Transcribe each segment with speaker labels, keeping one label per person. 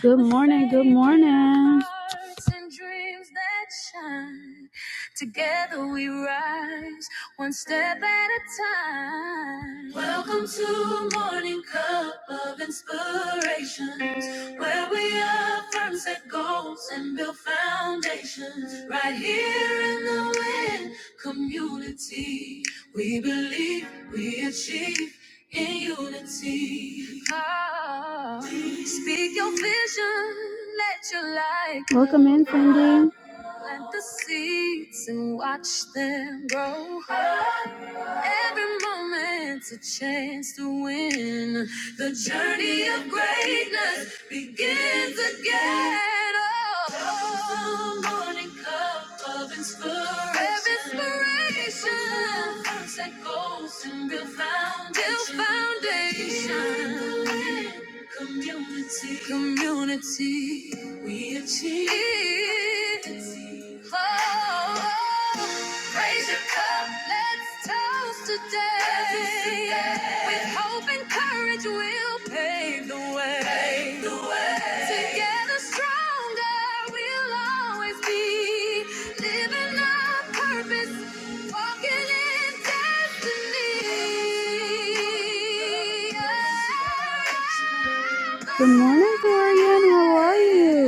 Speaker 1: Good morning. Good morning. Together we rise, one step at a time. Welcome to a morning cup of inspirations, where we affirm, set goals, and build foundations. Right here in the wind community, we believe we achieve in unity. Oh, speak your vision, let your light. Welcome in, Cindy. Plant the seeds and watch them grow. Every moment's a chance to win. The journey of greatness begins again. Oh, the morning cup of Grab inspiration. First that goes and build foundation. Build foundation. Community. Community. We achieve. Oh, raise your cup. Let's toast today. With hope and courage, we'll pave the way. Pave the way. Together strong. Good morning, Dorian. How are you?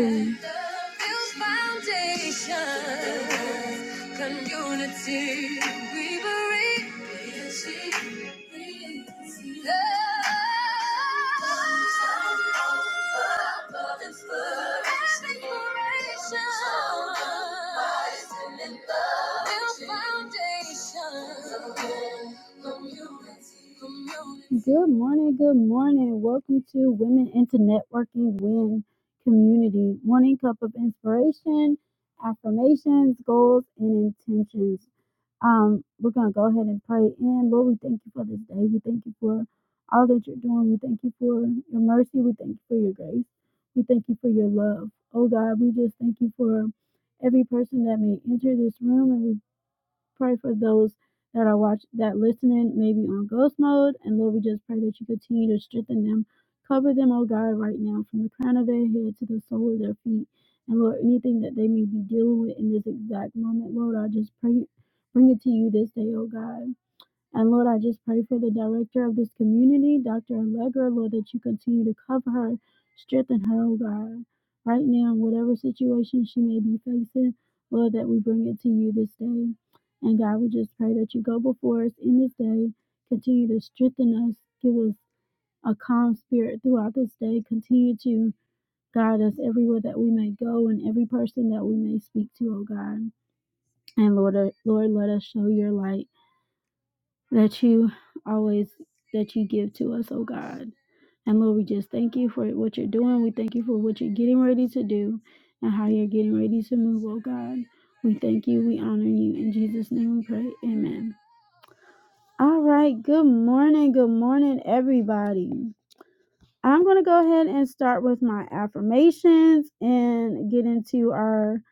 Speaker 1: Good morning, good morning. Welcome to Women into Networking Win Community. Morning cup of inspiration, affirmations, goals, and intentions. Um, we're gonna go ahead and pray in. Lord, we thank you for this day. We thank you for all that you're doing. We thank you for your mercy. We thank you for your grace. We thank you for your love. Oh God, we just thank you for every person that may enter this room and we pray for those that are watch that listening maybe on ghost mode. And Lord, we just pray that you continue to strengthen them. Cover them, oh God, right now, from the crown of their head to the sole of their feet. And Lord, anything that they may be dealing with in this exact moment, Lord, I just pray bring it to you this day, oh God. And Lord, I just pray for the director of this community, Dr. Allegra, Lord, that you continue to cover her, strengthen her, oh God, right now, in whatever situation she may be facing, Lord, that we bring it to you this day. And God, we just pray that you go before us in this day, continue to strengthen us, give us a calm spirit throughout this day, continue to guide us everywhere that we may go and every person that we may speak to, oh God. And Lord, uh, Lord, let us show your light that you always that you give to us, oh God. And Lord, we just thank you for what you're doing. We thank you for what you're getting ready to do and how you're getting ready to move, oh God. We thank you. We honor you. In Jesus' name we pray. Amen. All right. Good morning. Good morning, everybody. I'm going to go ahead and start with my affirmations and get into our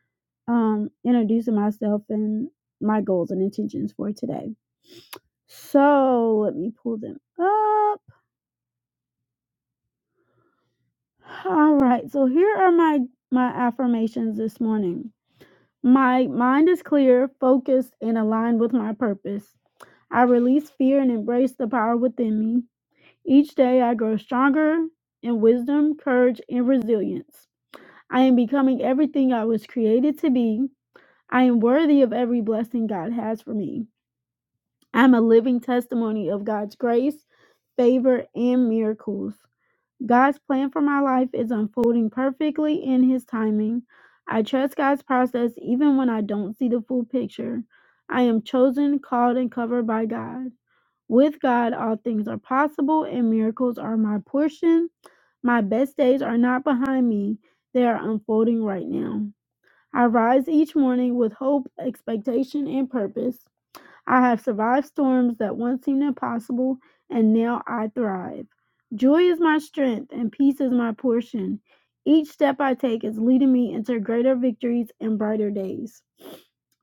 Speaker 1: um, introducing myself and my goals and intentions for today. So let me pull them up. All right. So here are my my affirmations this morning. My mind is clear, focused, and aligned with my purpose. I release fear and embrace the power within me. Each day I grow stronger in wisdom, courage, and resilience. I am becoming everything I was created to be. I am worthy of every blessing God has for me. I'm a living testimony of God's grace, favor, and miracles. God's plan for my life is unfolding perfectly in His timing. I trust God's process even when I don't see the full picture. I am chosen, called, and covered by God. With God, all things are possible and miracles are my portion. My best days are not behind me, they are unfolding right now. I rise each morning with hope, expectation, and purpose. I have survived storms that once seemed impossible, and now I thrive. Joy is my strength, and peace is my portion. Each step I take is leading me into greater victories and brighter days.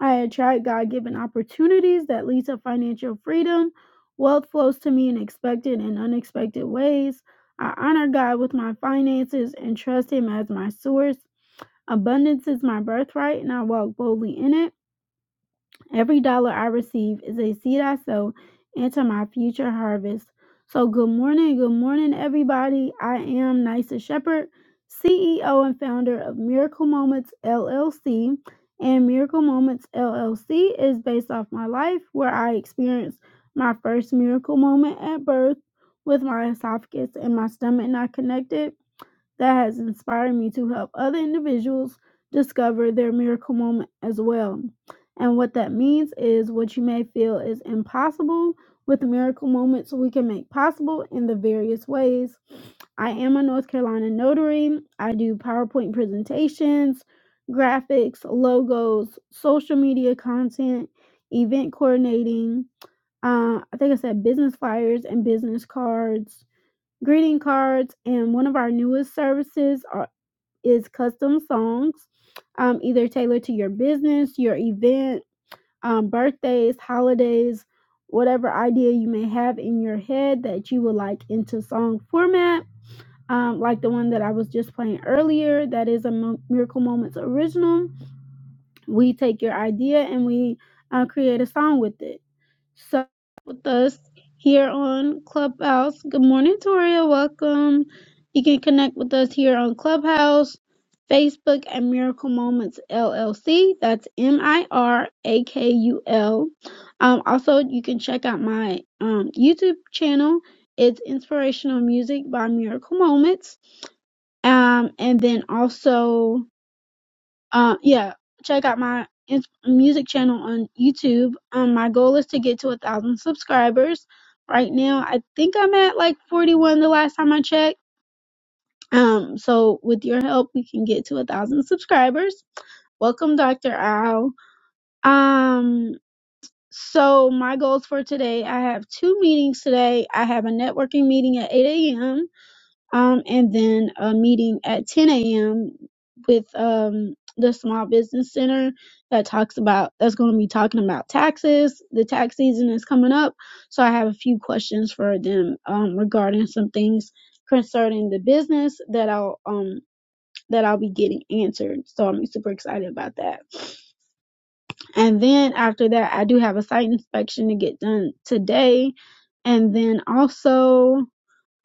Speaker 1: I attract God given opportunities that lead to financial freedom. Wealth flows to me in expected and unexpected ways. I honor God with my finances and trust Him as my source. Abundance is my birthright, and I walk boldly in it. Every dollar I receive is a seed I sow into my future harvest. So, good morning, good morning, everybody. I am Nisa Shepherd, CEO and founder of Miracle Moments LLC. And Miracle Moments LLC is based off my life where I experienced my first miracle moment at birth with my esophagus and my stomach not connected that has inspired me to help other individuals discover their miracle moment as well. And what that means is what you may feel is impossible with the miracle moments we can make possible in the various ways. I am a North Carolina notary. I do PowerPoint presentations, graphics, logos, social media content, event coordinating. Uh, I think I said business flyers and business cards greeting cards, and one of our newest services are, is custom songs, um, either tailored to your business, your event, um, birthdays, holidays, whatever idea you may have in your head that you would like into song format. Um, like the one that I was just playing earlier, that is a Mo- Miracle Moments original. We take your idea and we uh, create a song with it. So with us here on Clubhouse. Good morning, Toria. Welcome. You can connect with us here on Clubhouse, Facebook, and Miracle Moments LLC. That's M I R A K U L. Um, also, you can check out my um, YouTube channel. It's Inspirational Music by Miracle Moments. Um, and then also uh, yeah, check out my ins- music channel on YouTube. Um, my goal is to get to a thousand subscribers. Right now, I think I'm at like 41 the last time I checked. Um, so with your help, we can get to a thousand subscribers. Welcome, Dr. Owl. Um, so my goals for today, I have two meetings today. I have a networking meeting at 8 a.m um, and then a meeting at 10 a.m. with um, the Small Business Center that talks about that's going to be talking about taxes. The tax season is coming up, so I have a few questions for them um, regarding some things concerning the business that I'll um, that I'll be getting answered. So I'm super excited about that. And then after that, I do have a site inspection to get done today, and then also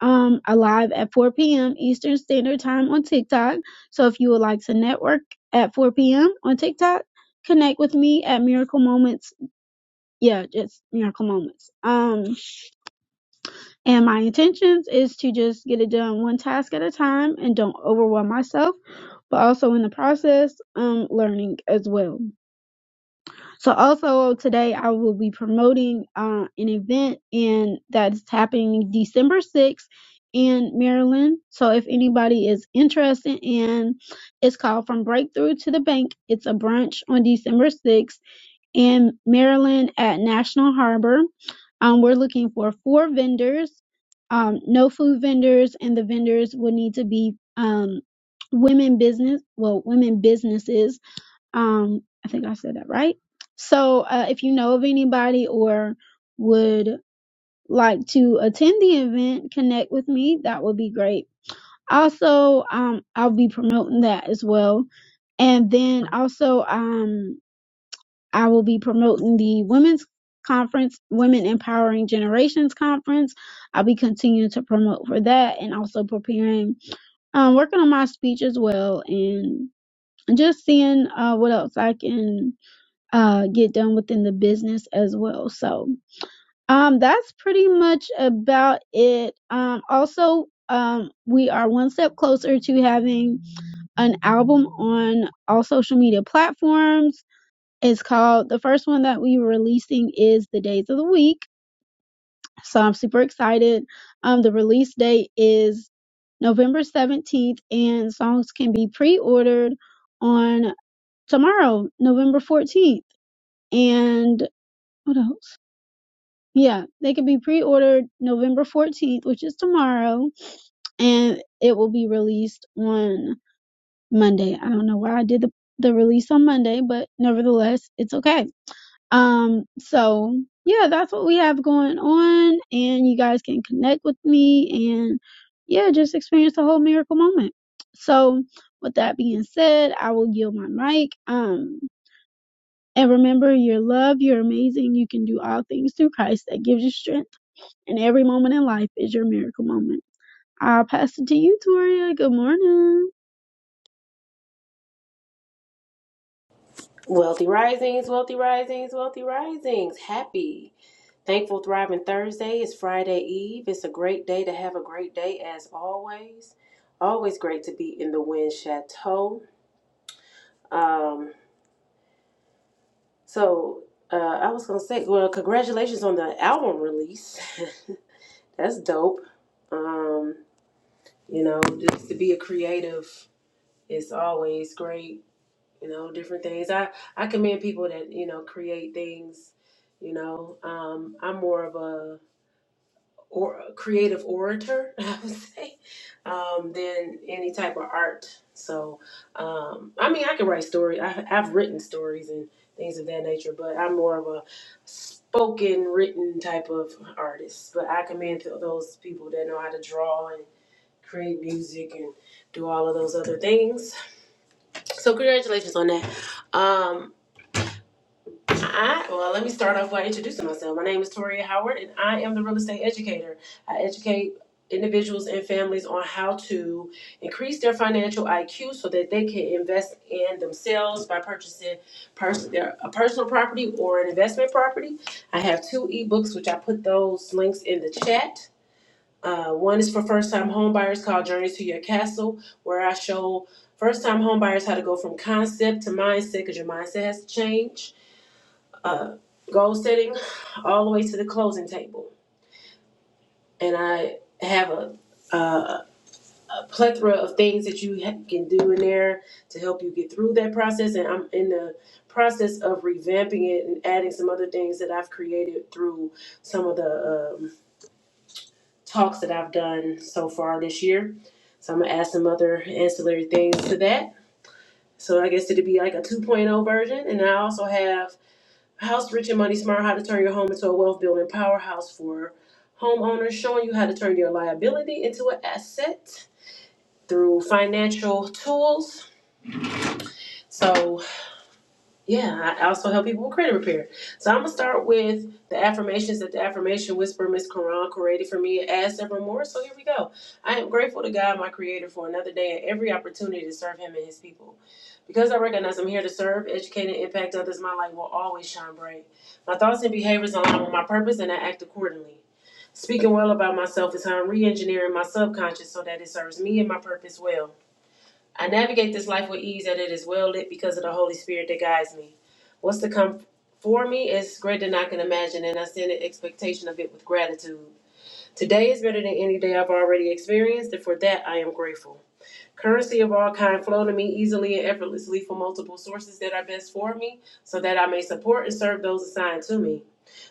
Speaker 1: um alive at 4 p.m. Eastern Standard Time on TikTok. So if you would like to network at 4 p.m. on TikTok, connect with me at Miracle Moments. Yeah, just Miracle Moments. Um and my intentions is to just get it done one task at a time and don't overwhelm myself, but also in the process, um learning as well. So also today I will be promoting uh, an event and that's happening December 6th in Maryland. So if anybody is interested in it's called From Breakthrough to the Bank. It's a brunch on December 6th in Maryland at National Harbor. Um, we're looking for four vendors, um, no food vendors, and the vendors will need to be um, women business, well, women businesses um, I think I said that right. So, uh, if you know of anybody or would like to attend the event, connect with me. That would be great. Also, um, I'll be promoting that as well. And then also, um, I will be promoting the women's conference, Women Empowering Generations conference. I'll be continuing to promote for that and also preparing, um, working on my speech as well and just seeing, uh, what else I can uh, get done within the business as well. So um, that's pretty much about it. Um, also, um, we are one step closer to having an album on all social media platforms. It's called the first one that we were releasing is the days of the week. So I'm super excited. Um, the release date is November 17th, and songs can be pre-ordered on tomorrow, November 14th. And what else? Yeah, they can be pre-ordered November 14th, which is tomorrow, and it will be released on Monday. I don't know why I did the, the release on Monday, but nevertheless, it's okay. Um, so yeah, that's what we have going on, and you guys can connect with me and yeah, just experience the whole miracle moment. So, with that being said, I will yield my mic. Um, and remember, you're loved, you're amazing, you can do all things through Christ that gives you strength. And every moment in life is your miracle moment. I'll pass it to you, Toria. Good morning.
Speaker 2: Wealthy risings, wealthy risings, wealthy risings. Happy, thankful, thriving Thursday. It's Friday Eve. It's a great day to have a great day as always. Always great to be in the Wind Chateau. Um, so uh, I was gonna say, well, congratulations on the album release. That's dope. Um, you know, just to be a creative is always great you know different things i i commend people that you know create things you know um i'm more of a or a creative orator i would say um than any type of art so um i mean i can write stories i've, I've written stories and things of that nature but i'm more of a spoken written type of artist but i commend to those people that know how to draw and create music and do all of those other things so congratulations on that um I, well, let me start off by introducing myself. My name is Toria Howard, and I am the real estate educator. I educate individuals and families on how to increase their financial IQ so that they can invest in themselves by purchasing pers- their, a personal property or an investment property. I have two ebooks, which I put those links in the chat. Uh, one is for first-time homebuyers called Journeys to Your Castle, where I show first-time homebuyers how to go from concept to mindset because your mindset has to change uh, goal setting all the way to the closing table. And I have a, a, a plethora of things that you ha- can do in there to help you get through that process. And I'm in the process of revamping it and adding some other things that I've created through some of the um, talks that I've done so far this year. So I'm gonna add some other ancillary things to that. So I guess it'd be like a 2.0 version. And I also have House Rich and Money Smart, how to turn your home into a wealth building powerhouse for homeowners, showing you how to turn your liability into an asset through financial tools. So, yeah, I also help people with credit repair. So, I'm gonna start with the affirmations that the affirmation whisper Miss Quran created for me as several more. So, here we go. I am grateful to God, my creator, for another day and every opportunity to serve him and his people. Because I recognize I'm here to serve, educate, and impact others, my light will always shine bright. My thoughts and behaviors align with my purpose, and I act accordingly. Speaking well about myself is how I'm re engineering my subconscious so that it serves me and my purpose well. I navigate this life with ease, and it is well lit because of the Holy Spirit that guides me. What's to come for me is greater than I can imagine, and I stand in expectation of it with gratitude. Today is better than any day I've already experienced, and for that I am grateful. Currency of all kind flow to me easily and effortlessly from multiple sources that are best for me, so that I may support and serve those assigned to me.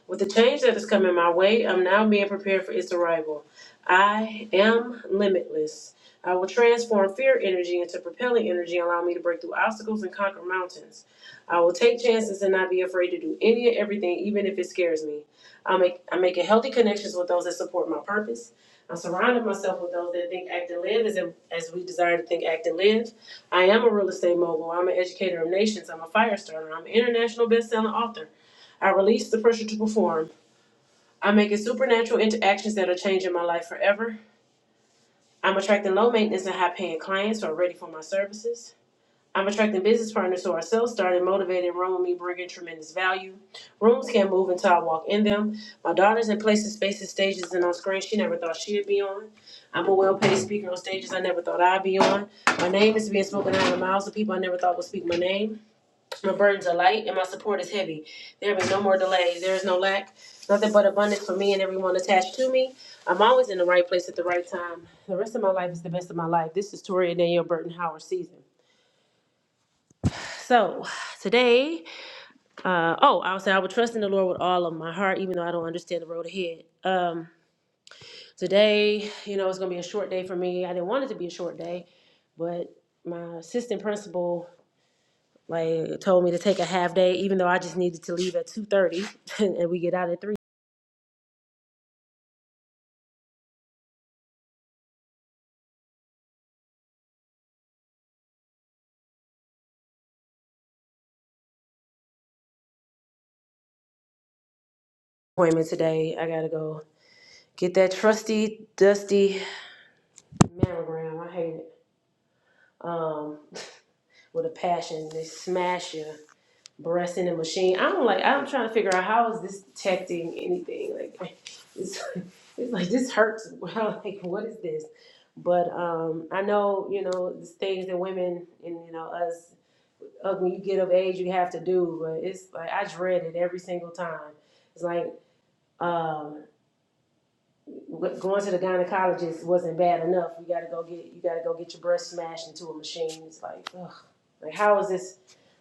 Speaker 2: With the change that is coming my way, I'm now being prepared for its arrival. I am limitless. I will transform fear energy into propelling energy, allow me to break through obstacles and conquer mountains. I will take chances and not be afraid to do any and everything, even if it scares me. I make I'm making healthy connections with those that support my purpose. I'm surrounding myself with those that think, act, and live as, as we desire to think, act, and live. I am a real estate mogul. I'm an educator of nations. I'm a fire starter. I'm an international best-selling author. I release the pressure to perform. I'm making supernatural interactions that are changing my life forever. I'm attracting low maintenance and high paying clients who are ready for my services. I'm attracting business partners who are self started, motivated, and run with me, bringing tremendous value. Rooms can't move until I walk in them. My daughter's in places, spaces, stages, and on screens she never thought she'd be on. I'm a well paid speaker on stages I never thought I'd be on. My name is being spoken out of the mouths of people I never thought would speak my name. My burdens are light and my support is heavy. There be no more delays. There is no lack. Nothing but abundance for me and everyone attached to me. I'm always in the right place at the right time. The rest of my life is the best of my life. This is Toria Danielle Burton Howard season. So today, uh, oh, I would say I would trust in the Lord with all of my heart, even though I don't understand the road ahead. Um, today, you know, it's gonna be a short day for me. I didn't want it to be a short day, but my assistant principal Like told me to take a half day, even though I just needed to leave at two thirty, and we get out at three. Appointment today. I gotta go get that trusty dusty mammogram. I hate it. Um, with a passion, they smash your breast in the machine. I'm like, I'm trying to figure out how is this detecting anything? Like, it's it's like this hurts. like what is this? But um, I know you know there's things that women and you know us uh, when you get of age, you have to do. But it's like I dread it every single time. It's like um, going to the gynecologist wasn't bad enough. You got to go get you got to go get your breast smashed into a machine. It's like, ugh, like how is this?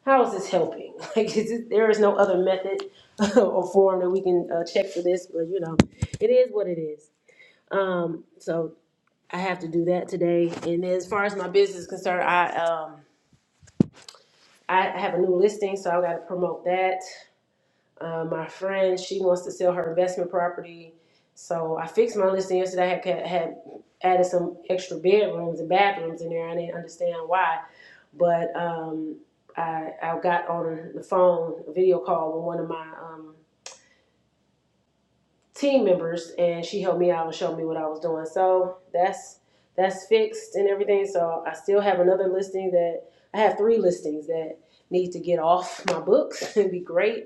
Speaker 2: How is this helping? Like is it, there is no other method or form that we can uh, check for this. But you know, it is what it is. Um, so I have to do that today. And as far as my business is concerned, I um, I have a new listing, so I got to promote that. Uh, my friend, she wants to sell her investment property. So I fixed my listing yesterday. I had, ca- had added some extra bedrooms and bathrooms in there. I didn't understand why, but um, I, I got on the phone, a video call with one of my um, team members and she helped me out and showed me what I was doing. So that's that's fixed and everything. So I still have another listing that I have three listings that need to get off my books. It'd be great.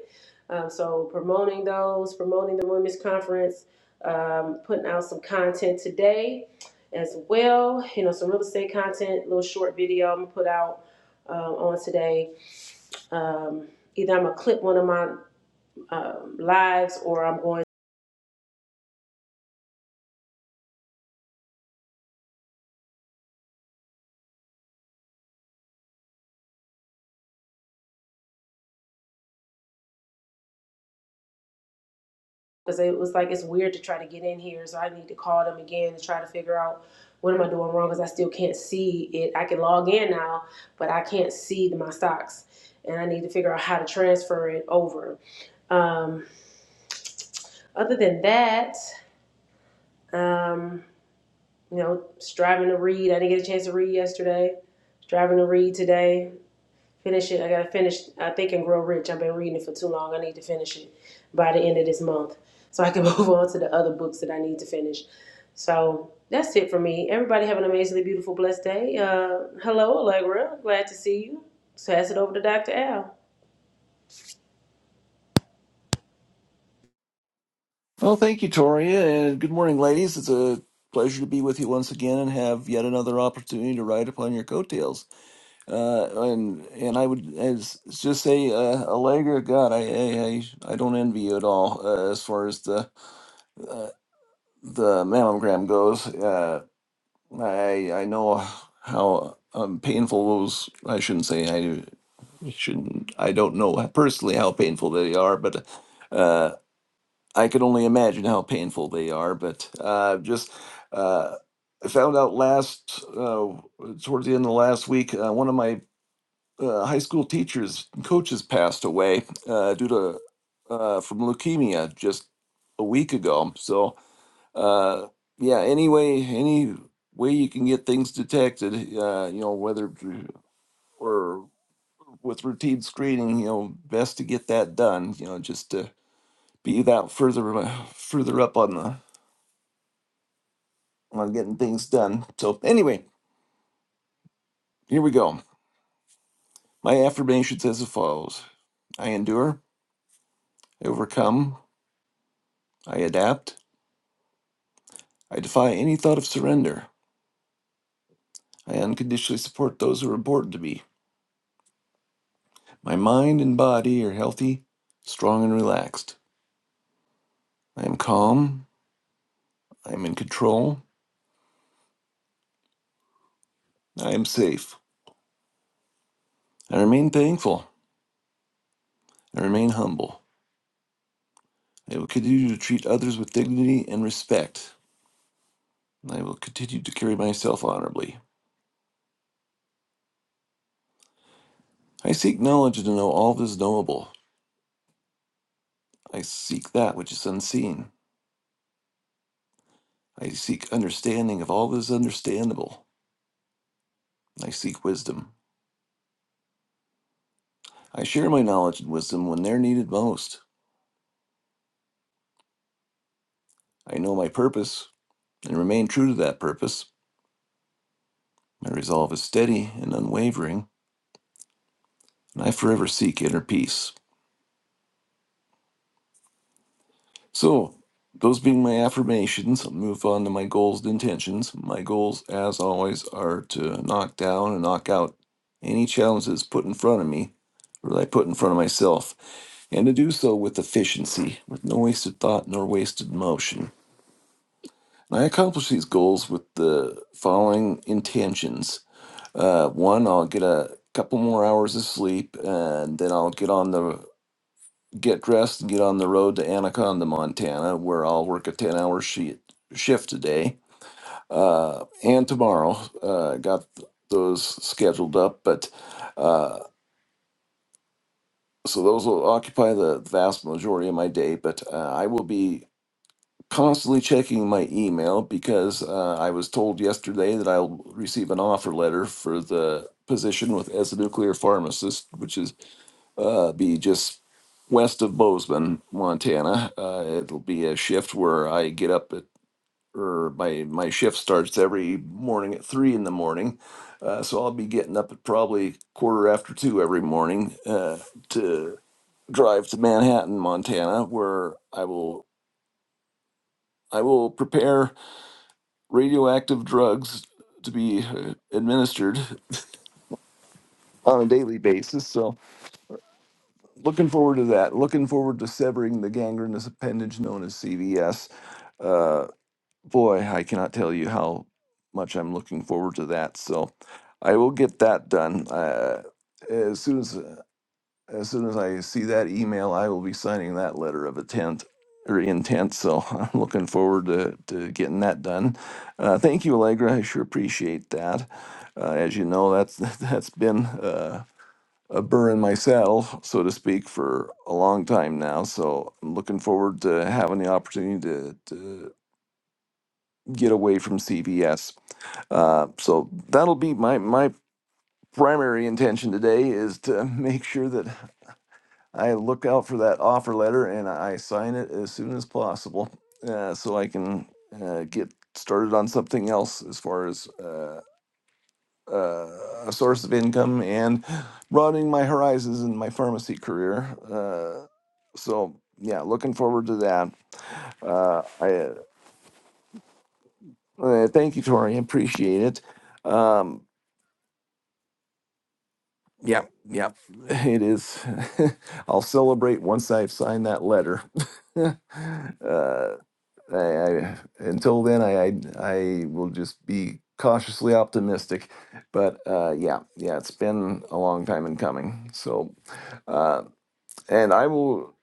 Speaker 2: Um, so promoting those, promoting the women's conference, um, putting out some content today as well. You know, some real estate content, little short video I'm gonna put out um, on today. Um, either I'm gonna clip one of my um, lives or I'm going because it was like it's weird to try to get in here. So I need to call them again to try to figure out what am I doing wrong because I still can't see it. I can log in now, but I can't see my stocks, and I need to figure out how to transfer it over. Um, other than that, um, you know, striving to read. I didn't get a chance to read yesterday. Striving to read today. finish it. I gotta finish I think and grow rich. I've been reading it for too long. I need to finish it by the end of this month. So I can move on to the other books that I need to finish. So that's it for me. Everybody have an amazingly beautiful, blessed day. Uh, hello, Allegra. Glad to see you. Pass it over to Dr. Al.
Speaker 3: Well, thank you, Toria, and good morning, ladies. It's a pleasure to be with you once again and have yet another opportunity to ride upon your coattails. Uh, and and I would as, just say, uh, Allegra, God, I, I I I don't envy you at all uh, as far as the the mammogram goes. Uh, I I know how um, painful those. I shouldn't say I shouldn't. I don't know personally how painful they are, but. uh, I can only imagine how painful they are, but uh, just uh, I found out last uh, towards the end of last week, uh, one of my uh, high school teachers coaches passed away uh, due to uh, from leukemia just a week ago. So uh, yeah, anyway, any way you can get things detected, uh, you know, whether or with routine screening, you know, best to get that done. You know, just to be that further further up on the on getting things done. So, anyway, here we go. My affirmations as follows I endure, I overcome, I adapt, I defy any thought of surrender, I unconditionally support those who are important to me. My mind and body are healthy, strong, and relaxed. I am calm, I am in control, I am safe. I remain thankful, I remain humble. I will continue to treat others with dignity and respect. I will continue to carry myself honorably. I seek knowledge to know all that is knowable. I seek that which is unseen. I seek understanding of all that is understandable. I seek wisdom. I share my knowledge and wisdom when they're needed most. I know my purpose and remain true to that purpose. My resolve is steady and unwavering, and I forever seek inner peace. So, those being my affirmations, I'll move on to my goals and intentions. My goals, as always, are to knock down and knock out any challenges put in front of me or that I put in front of myself and to do so with efficiency, with no wasted thought nor wasted motion. And I accomplish these goals with the following intentions. Uh, one, I'll get a couple more hours of sleep, and then I'll get on the get dressed and get on the road to Anaconda, Montana, where I'll work a ten-hour sheet, shift today uh, and tomorrow. Uh, got th- those scheduled up, but uh, so those will occupy the vast majority of my day. But uh, I will be constantly checking my email because uh, I was told yesterday that I'll receive an offer letter for the position with as a nuclear pharmacist, which is uh, be just west of Bozeman, Montana. Uh, it'll be a shift where I get up at or my my shift starts every morning at three in the morning, uh, so I'll be getting up at probably quarter after two every morning uh, to drive to Manhattan, Montana, where I will I will prepare radioactive drugs to be uh, administered on a daily basis. So, looking forward to that. Looking forward to severing the gangrenous appendage known as CVS. Uh, boy, I cannot tell you how much I'm looking forward to that. So, I will get that done uh, as soon as. uh, as soon as I see that email, I will be signing that letter of intent or intent. So I'm looking forward to, to getting that done. Uh, thank you, Allegra. I sure appreciate that. Uh, as you know, that's that's been uh, a burr in my saddle, so to speak, for a long time now. So I'm looking forward to having the opportunity to, to get away from CVS. Uh, so that'll be my my primary intention today is to make sure that I look out for that offer letter and I sign it as soon as possible uh, so I can uh, get started on something else as far as uh, uh, a source of income and broadening my horizons in my pharmacy career. Uh, so, yeah, looking forward to that. Uh, I uh, uh, thank you, Tori. I Appreciate it. Um, yeah, yeah, it is. I'll celebrate once I've signed that letter. uh, I, I until then I, I I will just be cautiously optimistic, but uh, yeah, yeah, it's been a long time in coming. So, uh, and I will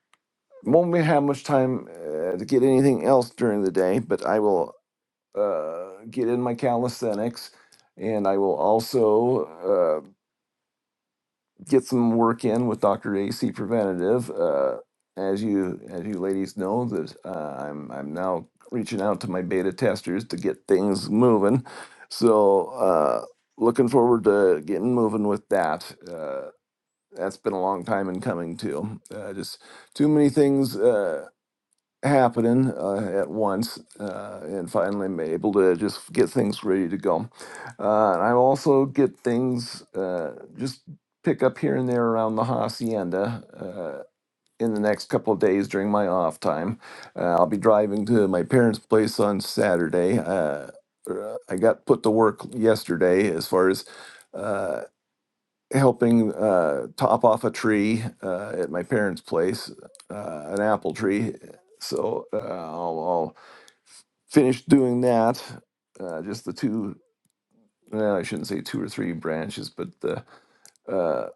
Speaker 3: won't have much time uh, to get anything else during the day, but I will uh, get in my calisthenics, and I will also uh, get some work in with Dr. AC Preventative. Uh, as you as you ladies know, that uh, I'm I'm now reaching out to my beta testers to get things moving. So uh, looking forward to getting moving with that. Uh, that's been a long time in coming too. Uh, just too many things. Uh, happening uh, at once uh, and finally I'm able to just get things ready to go. Uh, and I also get things uh, just pick up here and there around the hacienda. Uh, in the next couple of days during my off time, uh, I'll be driving to my parents' place on Saturday. Uh, uh, I got put to work yesterday as far as uh, helping uh, top off a tree uh, at my parents' place, uh, an apple tree. So uh, I'll, I'll finish doing that. Uh, just the two. Well, I shouldn't say two or three branches, but the uh,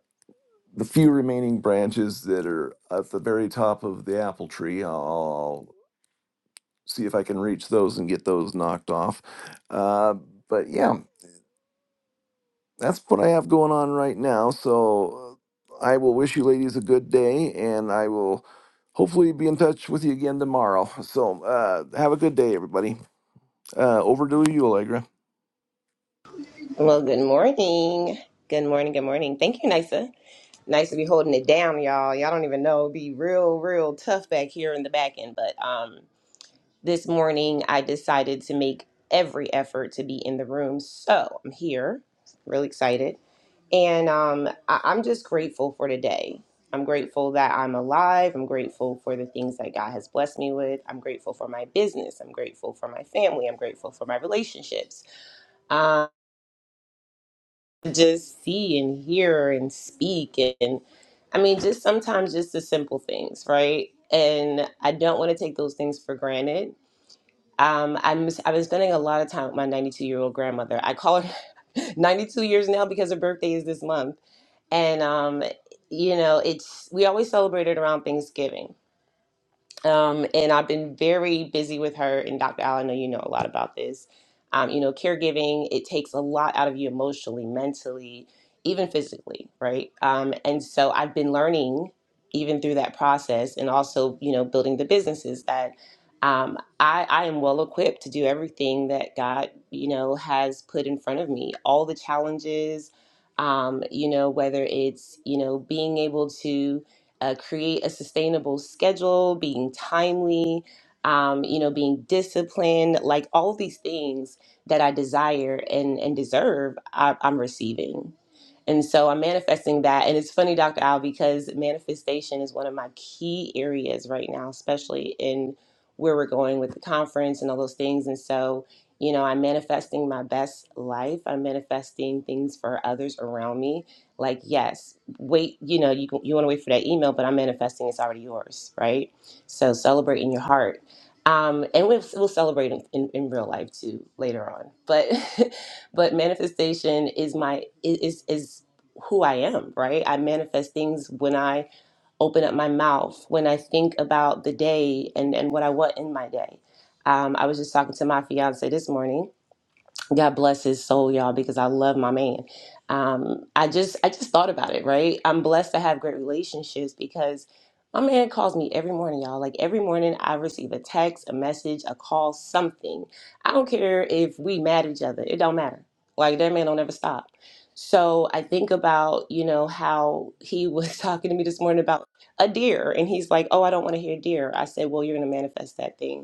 Speaker 3: the few remaining branches that are at the very top of the apple tree. I'll, I'll see if I can reach those and get those knocked off. Uh, but yeah, that's what I have going on right now. So uh, I will wish you ladies a good day, and I will hopefully be in touch with you again tomorrow. So uh, have a good day, everybody. Uh, over to you, Allegra.
Speaker 4: Well, good morning. Good morning. Good morning. Thank you, Nisa. Nice to be holding it down, y'all. Y'all don't even know. It'd be real, real tough back here in the back end. But um, this morning, I decided to make every effort to be in the room. So I'm here, really excited. And um, I- I'm just grateful for today. I'm grateful that I'm alive. I'm grateful for the things that God has blessed me with. I'm grateful for my business. I'm grateful for my family. I'm grateful for my relationships. Um, to just see and hear and speak and I mean just sometimes just the simple things, right? And I don't want to take those things for granted. Um, I'm I've been spending a lot of time with my 92 year old grandmother. I call her 92 years now because her birthday is this month, and um, you know it's we always celebrate it around Thanksgiving um, and I've been very busy with her. And Dr. Al, I know you know a lot about this. Um, you know, caregiving it takes a lot out of you emotionally, mentally, even physically, right? Um, and so I've been learning even through that process, and also you know building the businesses that um, I, I am well equipped to do everything that God you know has put in front of me. All the challenges, um, you know, whether it's you know being able to uh, create a sustainable schedule, being timely, um, you know, being disciplined, like all these things that I desire and, and deserve, I, I'm receiving. And so I'm manifesting that. And it's funny, Dr. Al, because manifestation is one of my key areas right now, especially in where we're going with the conference and all those things. And so, you know, I'm manifesting my best life. I'm manifesting things for others around me. Like, yes, wait you know you can you want to wait for that email but i'm manifesting it's already yours right so celebrate in your heart um, and we'll, we'll celebrate in, in, in real life too later on but but manifestation is my is is who i am right i manifest things when i open up my mouth when i think about the day and and what i want in my day um, i was just talking to my fiance this morning God bless his soul, y'all, because I love my man. Um, I just I just thought about it, right? I'm blessed to have great relationships because my man calls me every morning, y'all. Like every morning I receive a text, a message, a call, something. I don't care if we mad at each other. It don't matter. Like that man don't ever stop. So I think about, you know, how he was talking to me this morning about a deer and he's like, "Oh, I don't want to hear deer." I said, "Well, you're going to manifest that thing."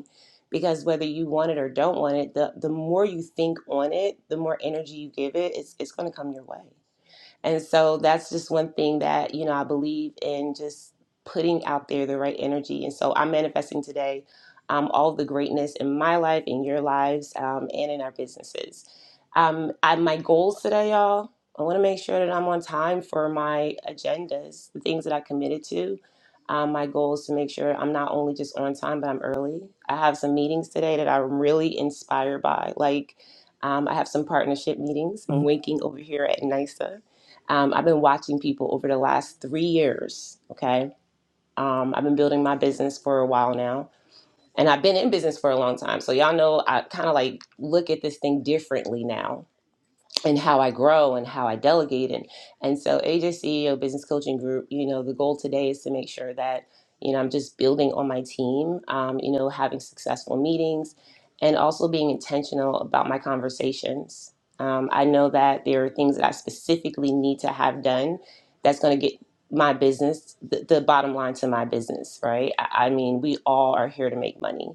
Speaker 4: because whether you want it or don't want it the, the more you think on it the more energy you give it it's, it's going to come your way and so that's just one thing that, you know, I believe in just putting out there the right energy. And so I'm manifesting today um, all the greatness in my life, in your lives, um, and in our businesses. Um, I, my goals today, y'all, I want to make sure that I'm on time for my agendas, the things that I committed to. Um, my goal is to make sure I'm not only just on time, but I'm early. I have some meetings today that I'm really inspired by. Like, um, I have some partnership meetings. I'm winking over here at NYSA. Um, I've been watching people over the last three years. Okay. Um, I've been building my business for a while now, and I've been in business for a long time. So y'all know I kind of like look at this thing differently now and how I grow and how I delegate and and so AJ CEO Business Coaching Group, you know, the goal today is to make sure that you know I'm just building on my team, um, you know, having successful meetings, and also being intentional about my conversations. Um, I know that there are things that I specifically need to have done that's going to get my business the, the bottom line to my business, right? I, I mean, we all are here to make money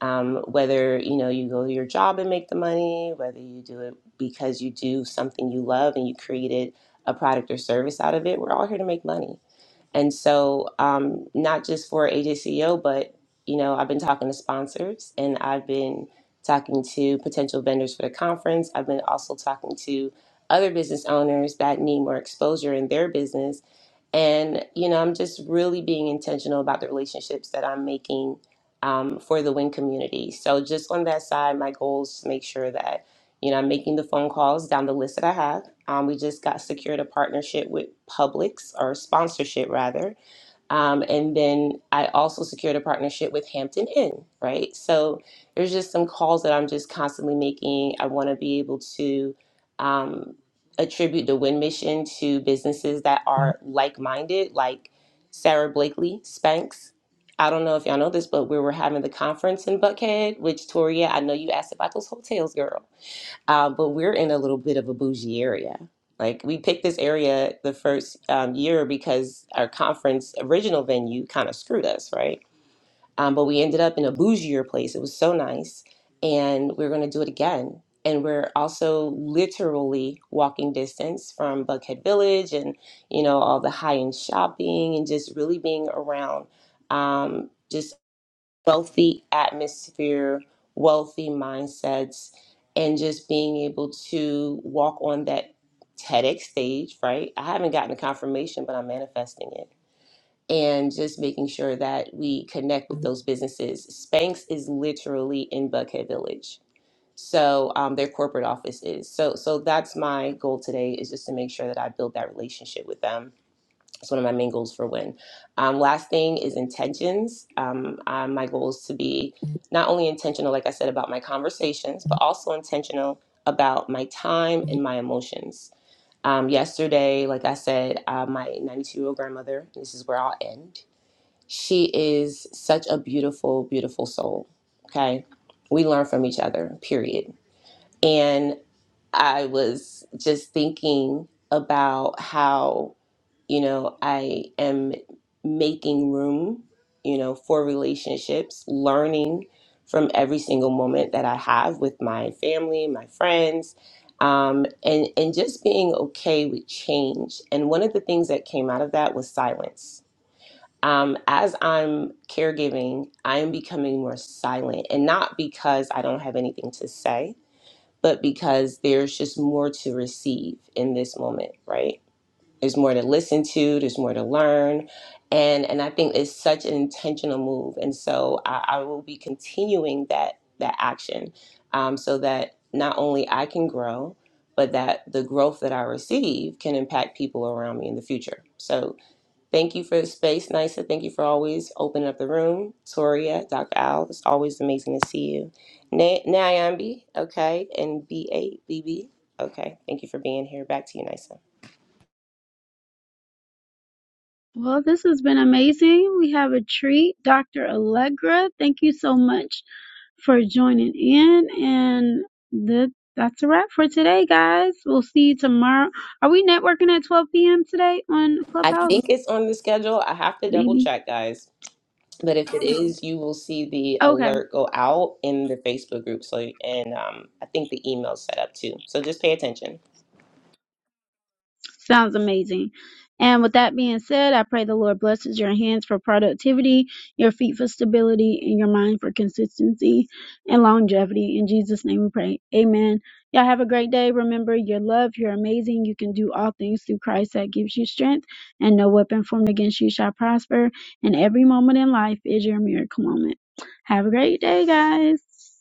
Speaker 4: um, whether you know you go to your job and make the money whether you do it because you do something you love and you created a product or service out of it we're all here to make money and so, um, not just for AJCO, but you know, I've been talking to sponsors and I've been talking to potential vendors for the conference. I've been also talking to other business owners that need more exposure in their business. And, you know, I'm just really being intentional about the relationships that I'm making um, for the WIN community. So, just on that side, my goal is to make sure that you know, I'm making the phone calls down the list that I have. Um, we just got secured a partnership with Publix or sponsorship rather. Um, and then I also secured a partnership with Hampton Inn, right? So there's just some calls that I'm just constantly making. I want to be able to um, attribute the Win Mission to businesses that are like minded, like Sarah Blakely, Spanx. I don't know if y'all know this, but we were having the conference in Buckhead, which Toria, I know you asked about those hotels, girl. Um, but we're in a little bit of a bougie area. Like we picked this area the first um, year because our conference original venue kind of screwed us, right? Um, but we ended up in a bougier place. It was so nice, and we're going to do it again. And we're also literally walking distance from Buckhead Village, and you know all the high end shopping, and just really being around. Um, just wealthy atmosphere, wealthy mindsets, and just being able to walk on that TEDx stage, right? I haven't gotten the confirmation, but I'm manifesting it. And just making sure that we connect with those businesses. Spanx is literally in Buckhead Village. So um, their corporate office is. So so that's my goal today is just to make sure that I build that relationship with them it's one of my main goals for win. Um, last thing is intentions. Um, uh, my goal is to be not only intentional, like I said, about my conversations, but also intentional about my time and my emotions. Um, yesterday, like I said, uh, my 92 year old grandmother, this is where I'll end. She is such a beautiful, beautiful soul. Okay. We learn from each other, period. And I was just thinking about how you know i am making room you know for relationships learning from every single moment that i have with my family my friends um, and and just being okay with change and one of the things that came out of that was silence um, as i'm caregiving i am becoming more silent and not because i don't have anything to say but because there's just more to receive in this moment right there's more to listen to there's more to learn and and i think it's such an intentional move and so i, I will be continuing that that action um, so that not only i can grow but that the growth that i receive can impact people around me in the future so thank you for the space nisa thank you for always opening up the room toria dr al it's always amazing to see you Na- Nyambi, okay and b8bb okay thank you for being here back to you nisa
Speaker 1: Well, this has been amazing. We have a treat. Dr. Allegra, thank you so much for joining in. And that that's a wrap for today, guys. We'll see you tomorrow. Are we networking at 12 p.m. today on
Speaker 4: I think
Speaker 1: Clubhouse?
Speaker 4: it's on the schedule. I have to double
Speaker 1: Maybe.
Speaker 4: check, guys. But if it is, you will see the
Speaker 1: Okay.
Speaker 4: alert go out in the Facebook group. So and um, I think the email's set up too. So just pay attention.
Speaker 1: Sounds amazing. And with that being said, I pray the Lord blesses your hands for productivity, your feet for stability, and your mind for consistency and longevity. In Jesus' name we pray. Amen. Y'all have a great day. Remember, you're loved, you're amazing, you can do all things through Christ that gives you strength, and no weapon formed against you shall prosper. And every moment in life is your miracle moment. Have a great day, guys.